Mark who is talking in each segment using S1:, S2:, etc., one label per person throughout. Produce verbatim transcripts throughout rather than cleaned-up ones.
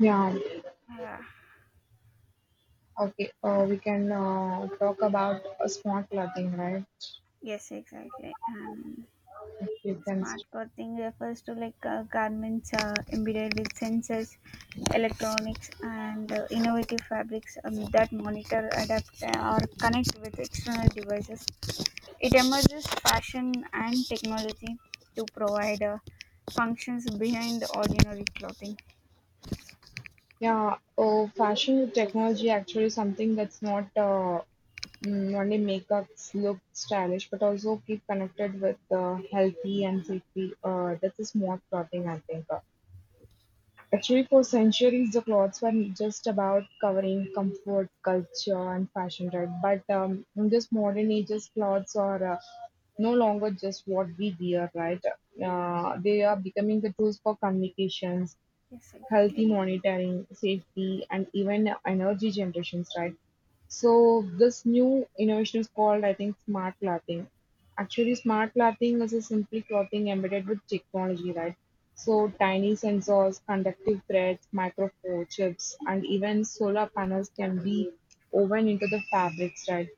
S1: Yeah,
S2: Yeah.
S1: okay. Uh, we can uh, talk about uh, smart clothing, right?
S2: Yes, exactly. And
S1: If you can,
S2: smart clothing refers to like uh, garments uh, embedded with sensors, electronics, and uh, innovative fabrics um, that monitor, adapt, uh, or connect with external devices. It emerges fashion and technology to provide uh, functions behind ordinary clothing. Yeah.
S1: yeah. Oh, fashion with technology actually something that's not uh, mm, only make us look stylish, but also keep connected with uh, healthy and safety. Uh, that's a smart clothing, I think. uh. Actually, for centuries, the clothes were just about covering comfort, culture, and fashion, right? But um, in this modern ages, clothes are uh, no longer just what we wear, right? Uh, they are becoming the tools for communications,
S2: Yes, exactly.
S1: healthy monitoring, safety, and even energy generations, right? So this new innovation is called, I think, smart clothing. Actually, smart clothing is a simply clothing embedded with technology, right? So tiny sensors, conductive threads, micro chips, and even solar panels can be woven into the fabrics, right?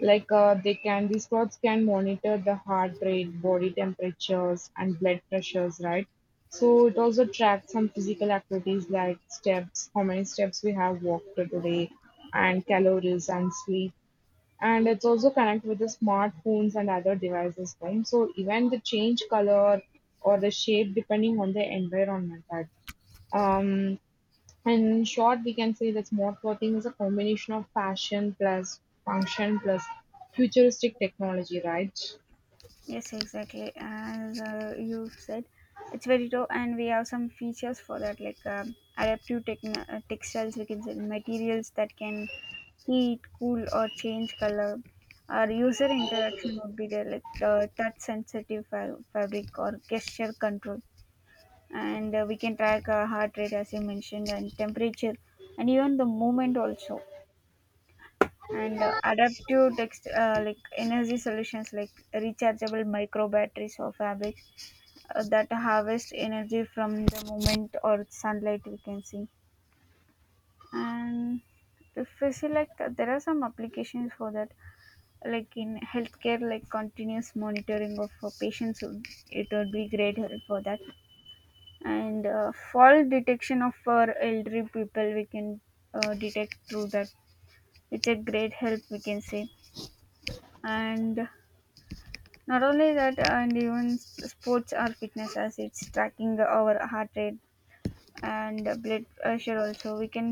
S1: Like uh, they can these pods can monitor the heart rate, body temperatures, and blood pressures, right? So it also tracks some physical activities like steps, how many steps we have walked today, and calories and sleep. And it's also connect with the smartphones and other devices home. So even the change color or the shape depending on the environment. Right? Um, and In short, we can say that smart clothing is a combination of fashion plus function plus futuristic technology, right?
S2: Yes, exactly. As uh, you said, it's very raw, and we have some features for that, like um, adaptive techn- uh, textiles, we can say materials that can heat, cool, or change color. Our user interaction would be there, like uh, touch sensitive fa- fabric or gesture control. And uh, we can track uh, heart rate, as you mentioned, and temperature, and even the movement also. And uh, adaptive text, uh, like energy solutions, like rechargeable micro batteries or fabrics uh, that harvest energy from the moment or sunlight, we can see. And if we see like uh, there are some applications for that, like in healthcare, like continuous monitoring of uh, patients would- it would be great help for that. And uh, fall detection of our elderly people, we can uh, detect through that. It's a great help, we can say. And not only that, and even sports or fitness, as it's tracking our heart rate and uh, blood pressure also, we can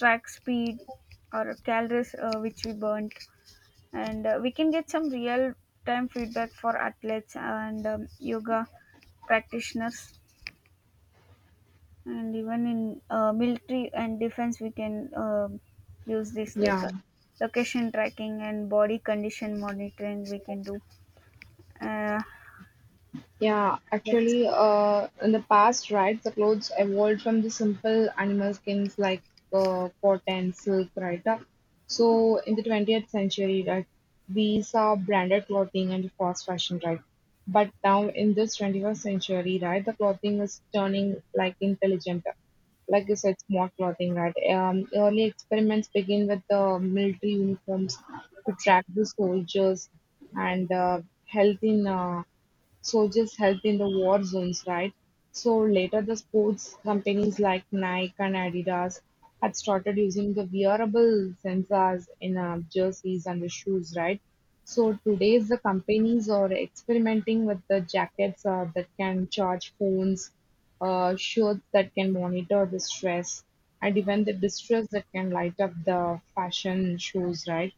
S2: track speed or calories uh, which we burnt. And uh, we can get some real time feedback for athletes and um, yoga practitioners. And even in uh, military and defense, we can um use this like
S1: Yeah.
S2: uh, location tracking and body condition monitoring we can do. uh,
S1: Yeah,
S2: like,
S1: actually, uh, in the past, right, the clothes evolved from the simple animal skins like uh, cotton, silk, right? Uh, So in the twentieth century, right, we saw branded clothing and fast fashion, right? But now in this twenty-first century, right, the clothing is turning like intelligent, uh, like you said, smart clothing, right? Um, early experiments begin with the military uniforms to track the soldiers and uh, health in uh, soldiers helped in the war zones, right? So later the sports companies like Nike and Adidas had started using the wearable sensors in uh, jerseys and the shoes, right? So today's the companies are experimenting with the jackets uh, that can charge phones, uh, shirts that can monitor the stress, and even the distress that can light up the fashion shows, right?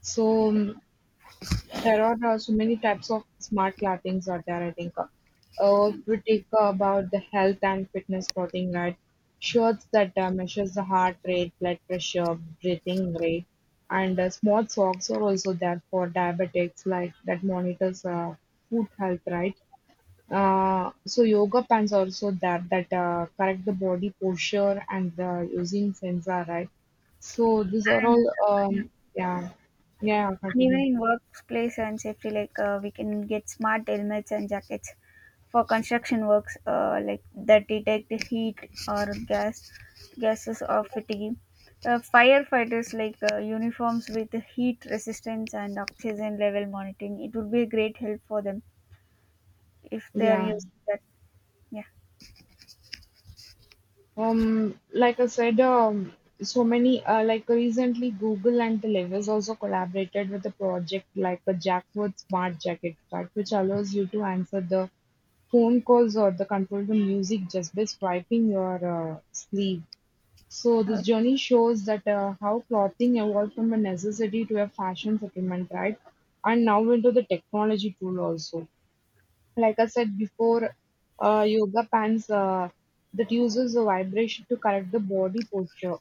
S1: So um, there are also many types of smart clothing's are there I think. Uh, uh, if we take uh, about the health and fitness clothing, right? Shirts that uh, measures the heart rate, blood pressure, breathing rate, and uh, small socks are also there for diabetics, like that monitors uh, food health, right? Uh, so yoga pants also there that uh, correct the body posture and uh, using sensor, right? So these are
S2: and
S1: all,
S2: yeah.
S1: um, yeah, yeah,
S2: And even
S1: continue,
S2: in workplace and safety, like uh, we can get smart helmets and jackets for construction works, uh, like that detect heat or gas gases or fatigue. Uh, firefighters like uh, uniforms with heat resistance and oxygen level monitoring. It would be a great help for them if they are
S1: yeah.
S2: using that. Yeah.
S1: Um, like I said, um, so many uh, like recently Google and the Levers also collaborated with a project like a Jackwood Smart Jacket Track, which allows you to answer the phone calls or the control the music just by swiping your uh, sleeve. So
S2: Uh,
S1: this journey shows that uh, how clothing evolved from a necessity to a fashion supplement, right? And now into the technology tool also like I said before, uh, yoga pants uh, that uses the vibration to correct the body posture.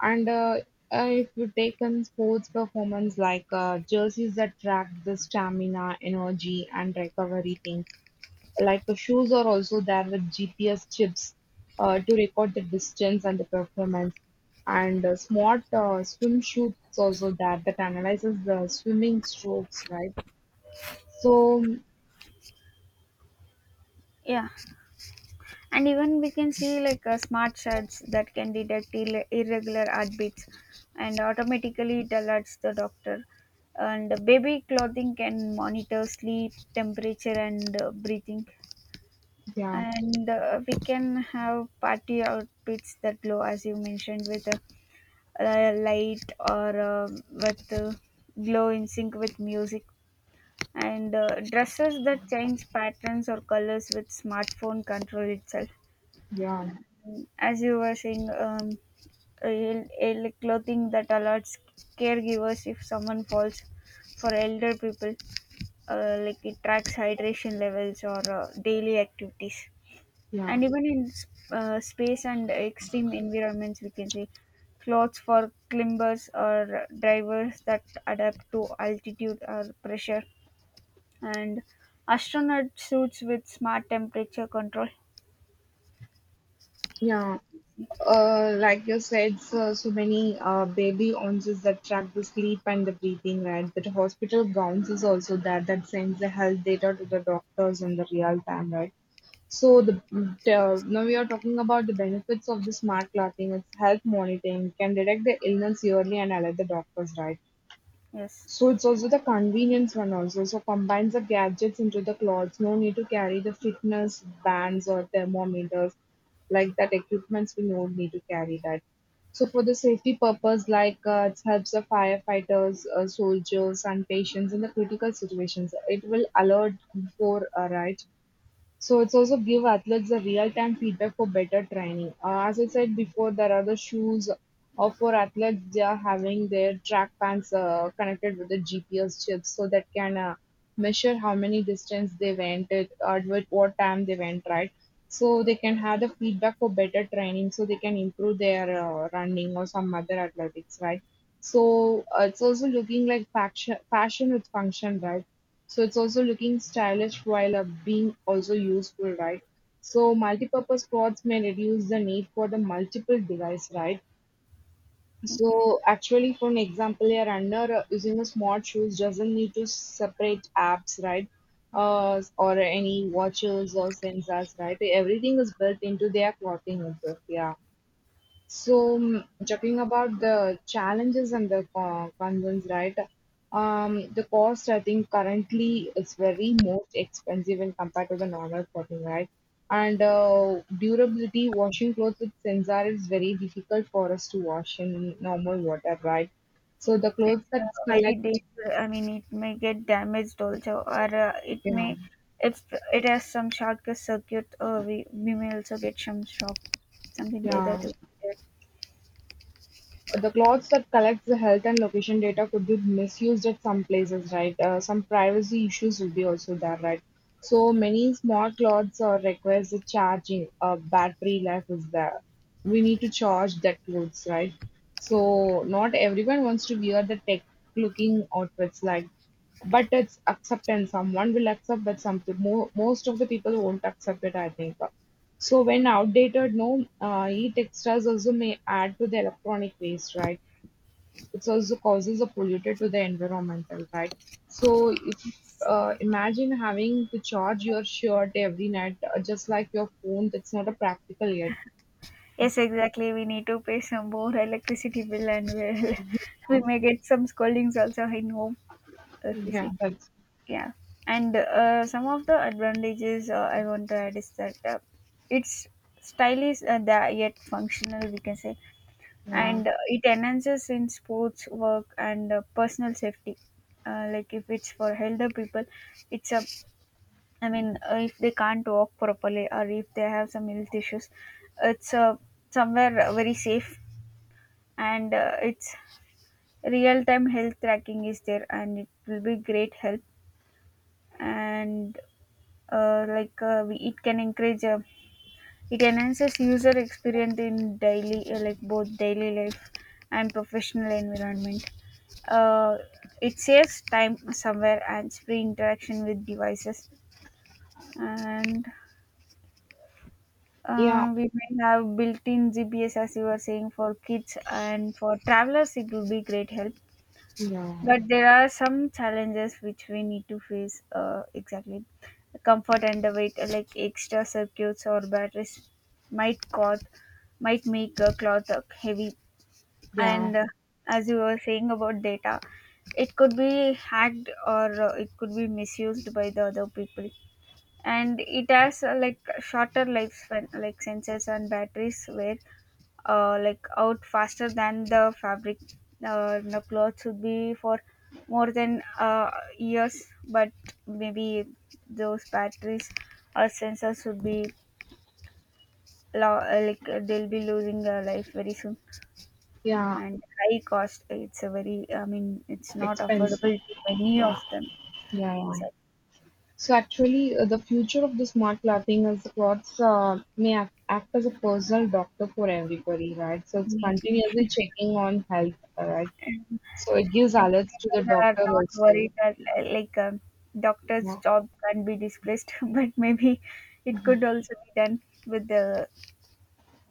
S1: And uh, uh, if you take in sports performance, like uh, jerseys that track the stamina, energy, and recovery things, like the shoes are also there with G P S chips uh, to record the distance and the performance. And uh, smart uh, swimsuits also there that analyzes the swimming strokes, right? So
S2: yeah. And even we can see like uh, smart shards that can detect Ill- irregular heartbeats, and automatically it alerts the doctor. And baby clothing can monitor sleep temperature and uh, breathing.
S1: yeah,
S2: And uh, we can have party outfits that glow, as you mentioned, with a uh light, or uh, with uh, glow in sync with music. And uh, dresses that change patterns or colors with smartphone control itself,
S1: yeah,
S2: as you were saying. Um, el- el- clothing that alerts caregivers if someone falls, for elder people, uh, like it tracks hydration levels or uh, daily activities.
S1: yeah.
S2: And even in s- uh, space and extreme environments, we can see clothes for climbers or drivers that adapt to altitude or pressure, and astronaut suits with smart temperature control.
S1: Yeah, uh, like you said, so, so many uh, baby ounces that track the sleep and the breathing, right? But hospital gowns is also that that sends the health data to the doctors in the real time, right? So the uh, now we are talking about the benefits of the smart clothing. It's health monitoring, can detect the illness early and alert the doctors, right?
S2: Yes.
S1: So it's also the convenience one also. So combines the gadgets into the clothes. No need to carry the fitness bands or thermometers like that equipments. We no need to carry that. So for the safety purpose, like uh, it helps the firefighters, uh, soldiers, and patients in the critical situations. It will alert before uh, right. So it's also give athletes the real-time feedback for better training. Uh, as I said before, there are the shoes uh, for athletes. They are having their track pants uh, connected with the G P S chips, so that can uh, measure how many distance they went at, or at what time they went. Right, so they can have the feedback for better training, so they can improve their uh, running or some other athletics. Right. So uh, it's also looking like fashion, fashion with function, right? So it's also looking stylish while uh, being also useful, right? So multipurpose pods may reduce the need for the multiple device, right?
S2: Okay.
S1: So actually, for an example, your under uh, using a smart shoes doesn't need to separate apps, right? Uh, or any watches or sensors, right? Everything is built into their clothing itself. Yeah. So, mm, talking about the challenges and the co- concerns, right? Um, the cost, I think, currently is very most expensive when compared to the normal clothing, right? And uh, durability, washing clothes with sensor is very difficult for us to wash in normal water, right? So the clothes
S2: It's
S1: that
S2: uh, very
S1: collect,
S2: dangerous. I mean, it may get damaged also, or uh, it
S1: yeah,
S2: may, if it has some shortcut circuit, uh, we, we may also get some shock, something like
S1: yeah.
S2: that.
S1: The clothes that collects the health and location data could be misused at some places, right? Uh, some privacy issues will be also there, right? So many smart clothes or requires a charging. Uh, battery life is there. We need to charge that clothes, right? So not everyone wants to wear the tech looking outfits like but it's acceptance someone will accept but some peo- mo- most of the people won't accept it I think so when outdated, no, uh, e-textiles also may add to the electronic waste, right? It also causes a polluted to the environmental, right? So if uh, imagine having to charge your shirt every night, uh, just like your phone, that's not a practical yet.
S2: Yes, exactly. We need to pay some more electricity bill, and we'll, we
S1: Yeah,
S2: may get some scoldings also in home if we
S1: yeah,
S2: see.
S1: that's
S2: Yeah, and uh, some of the advantages uh, I want to add is that uh, it's stylish and uh, the, yet functional, we can say.
S1: yeah,
S2: And uh, it enhances in sports work and uh, personal safety, uh, like if it's for elder people, it's a, I mean, uh, if they can't walk properly or if they have some health issues, it's uh, somewhere uh, very safe. And uh, it's real time health tracking is there, and it will be great help. And uh, like uh, we, it can encourage uh, it enhances user experience in daily, uh, like both daily life and professional environment. uh, it saves time somewhere, and free interaction with devices. And
S1: yeah,
S2: uh, we may have built-in G P S, as you were saying, for kids and for travelers, it will be great help.
S1: yeah,
S2: But there are some challenges which we need to face, uh, exactly, comfort and the weight, like extra circuits or batteries might cause, might make a cloth heavy.
S1: yeah,
S2: And uh, as you were saying about data, it could be hacked, or uh, it could be misused by the other people. And it has uh, like shorter lifespan, like sensors and batteries were uh, like out faster than the fabric. Uh, the clothes would be for more than uh, years, but maybe those batteries or sensors would be lo- uh, like uh, they'll be losing their life very soon.
S1: yeah.
S2: And high cost. It's a very, I mean, it's not
S1: Expensive.
S2: affordable to many of
S1: Yeah,
S2: them.
S1: yeah, yeah.
S2: Exactly.
S1: So actually, uh, the future of the smart clothing is clothes uh, may act, act as a personal doctor for everybody, right? So it's
S2: Maybe.
S1: continuously checking on health, right? So it gives
S2: Like,
S1: alerts to the
S2: people are
S1: doctor
S2: not
S1: also.
S2: worried that, li- like, um, doctor's
S1: Yeah.
S2: job can not be displaced, but maybe it could also be done with the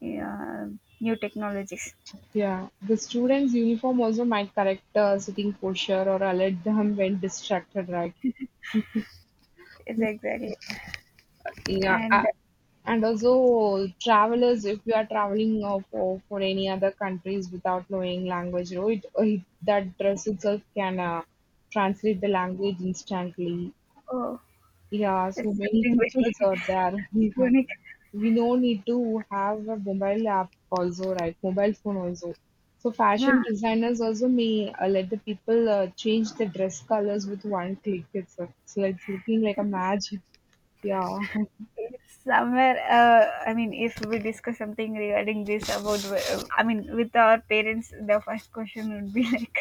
S2: uh, new technologies.
S1: Yeah, the student's uniform also might correct uh, sitting posture or alert them when distracted, right?
S2: Is exactly.
S1: Yeah,
S2: And,
S1: a- and also travelers, if you are traveling uh, for, for any other countries without knowing language, you know, it, uh, it, that dress itself can uh, translate the language instantly.
S2: oh,
S1: Yeah,
S2: it's
S1: so many
S2: something
S1: features
S2: very
S1: are there. Yeah.
S2: unique.
S1: We no need to have a mobile app also, right? Mobile phone also. So
S2: Yeah,
S1: fashion designers also may uh, let the people uh, change the dress colors with one click. It's, uh, it's like it's looking like a magic. Yeah,
S2: somewhere uh, I mean if we discuss something regarding this about wh- I mean with our parents, the first question would be like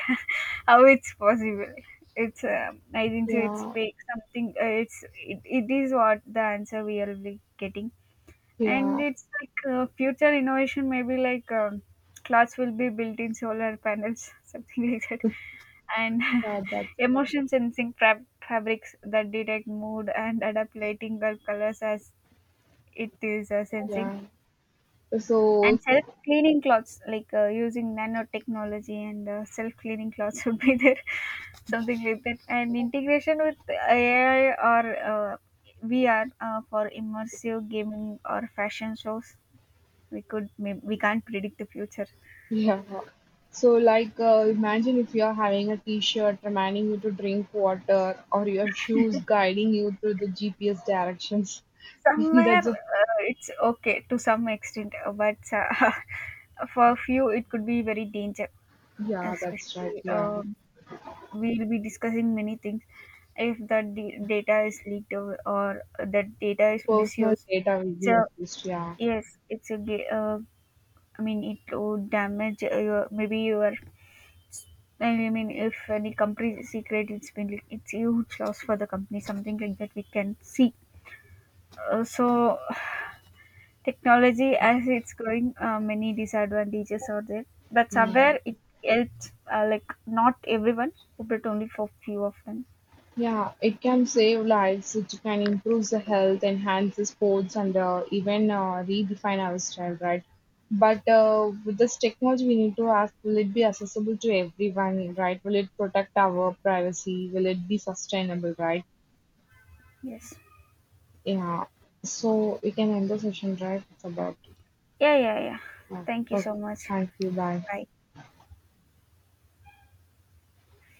S2: how it's possible. It's um, I think so it's
S1: yeah,
S2: fake something, uh, it's it, it is what the answer we will be getting. And
S1: yeah.
S2: it's like uh, future innovation, maybe like um, clothes will be built in solar panels something like that. And
S1: Yeah, that's it.
S2: emotion sensing fab- fabrics that detect mood and adapt lighting or colors as it is uh, sensing.
S1: Yeah. So,
S2: And self cleaning clothes, like uh, using nanotechnology, and uh, self cleaning clothes would be there. Something like that. And integration with A I or uh, V R, uh, for immersive gaming or fashion shows. We could may- we can't predict the future.
S1: yeah. So, like, uh, imagine if you're having a t-shirt reminding you to drink water or your shoes guiding you through the G P S directions.
S2: Somewhere
S1: That's a,
S2: uh, it's okay to some extent, uh, but uh, for few it could be very danger,
S1: yeah, that's right.
S2: especially
S1: Yeah.
S2: um, we will be discussing many things. If that d- data is leaked, or, or that data is
S1: Personal
S2: misused,
S1: data
S2: it's
S1: will
S2: a,
S1: be used. Yeah.
S2: yes, it's a ga- uh, I mean it would damage uh, your, maybe your, I mean if any company secret it's been leaked, it's a huge loss for the company, something like that we can see. Uh, so technology, as it's going, uh, many disadvantages are there, but
S1: Yeah.
S2: somewhere it helps, uh, like not everyone, but only for few of them.
S1: Yeah, it can save lives, it can improve the health, enhance the sports, and uh, even uh, redefine our style, right? But uh, with this technology, we need to ask will it be accessible to everyone, right? Will it protect our privacy? Will it be sustainable, right?
S2: Yes.
S1: Yeah, so we can end the session, right? It's about,
S2: Yeah, yeah, yeah.
S1: yeah,
S2: Thank you
S1: okay,
S2: so much.
S1: thank you, bye.
S2: Bye.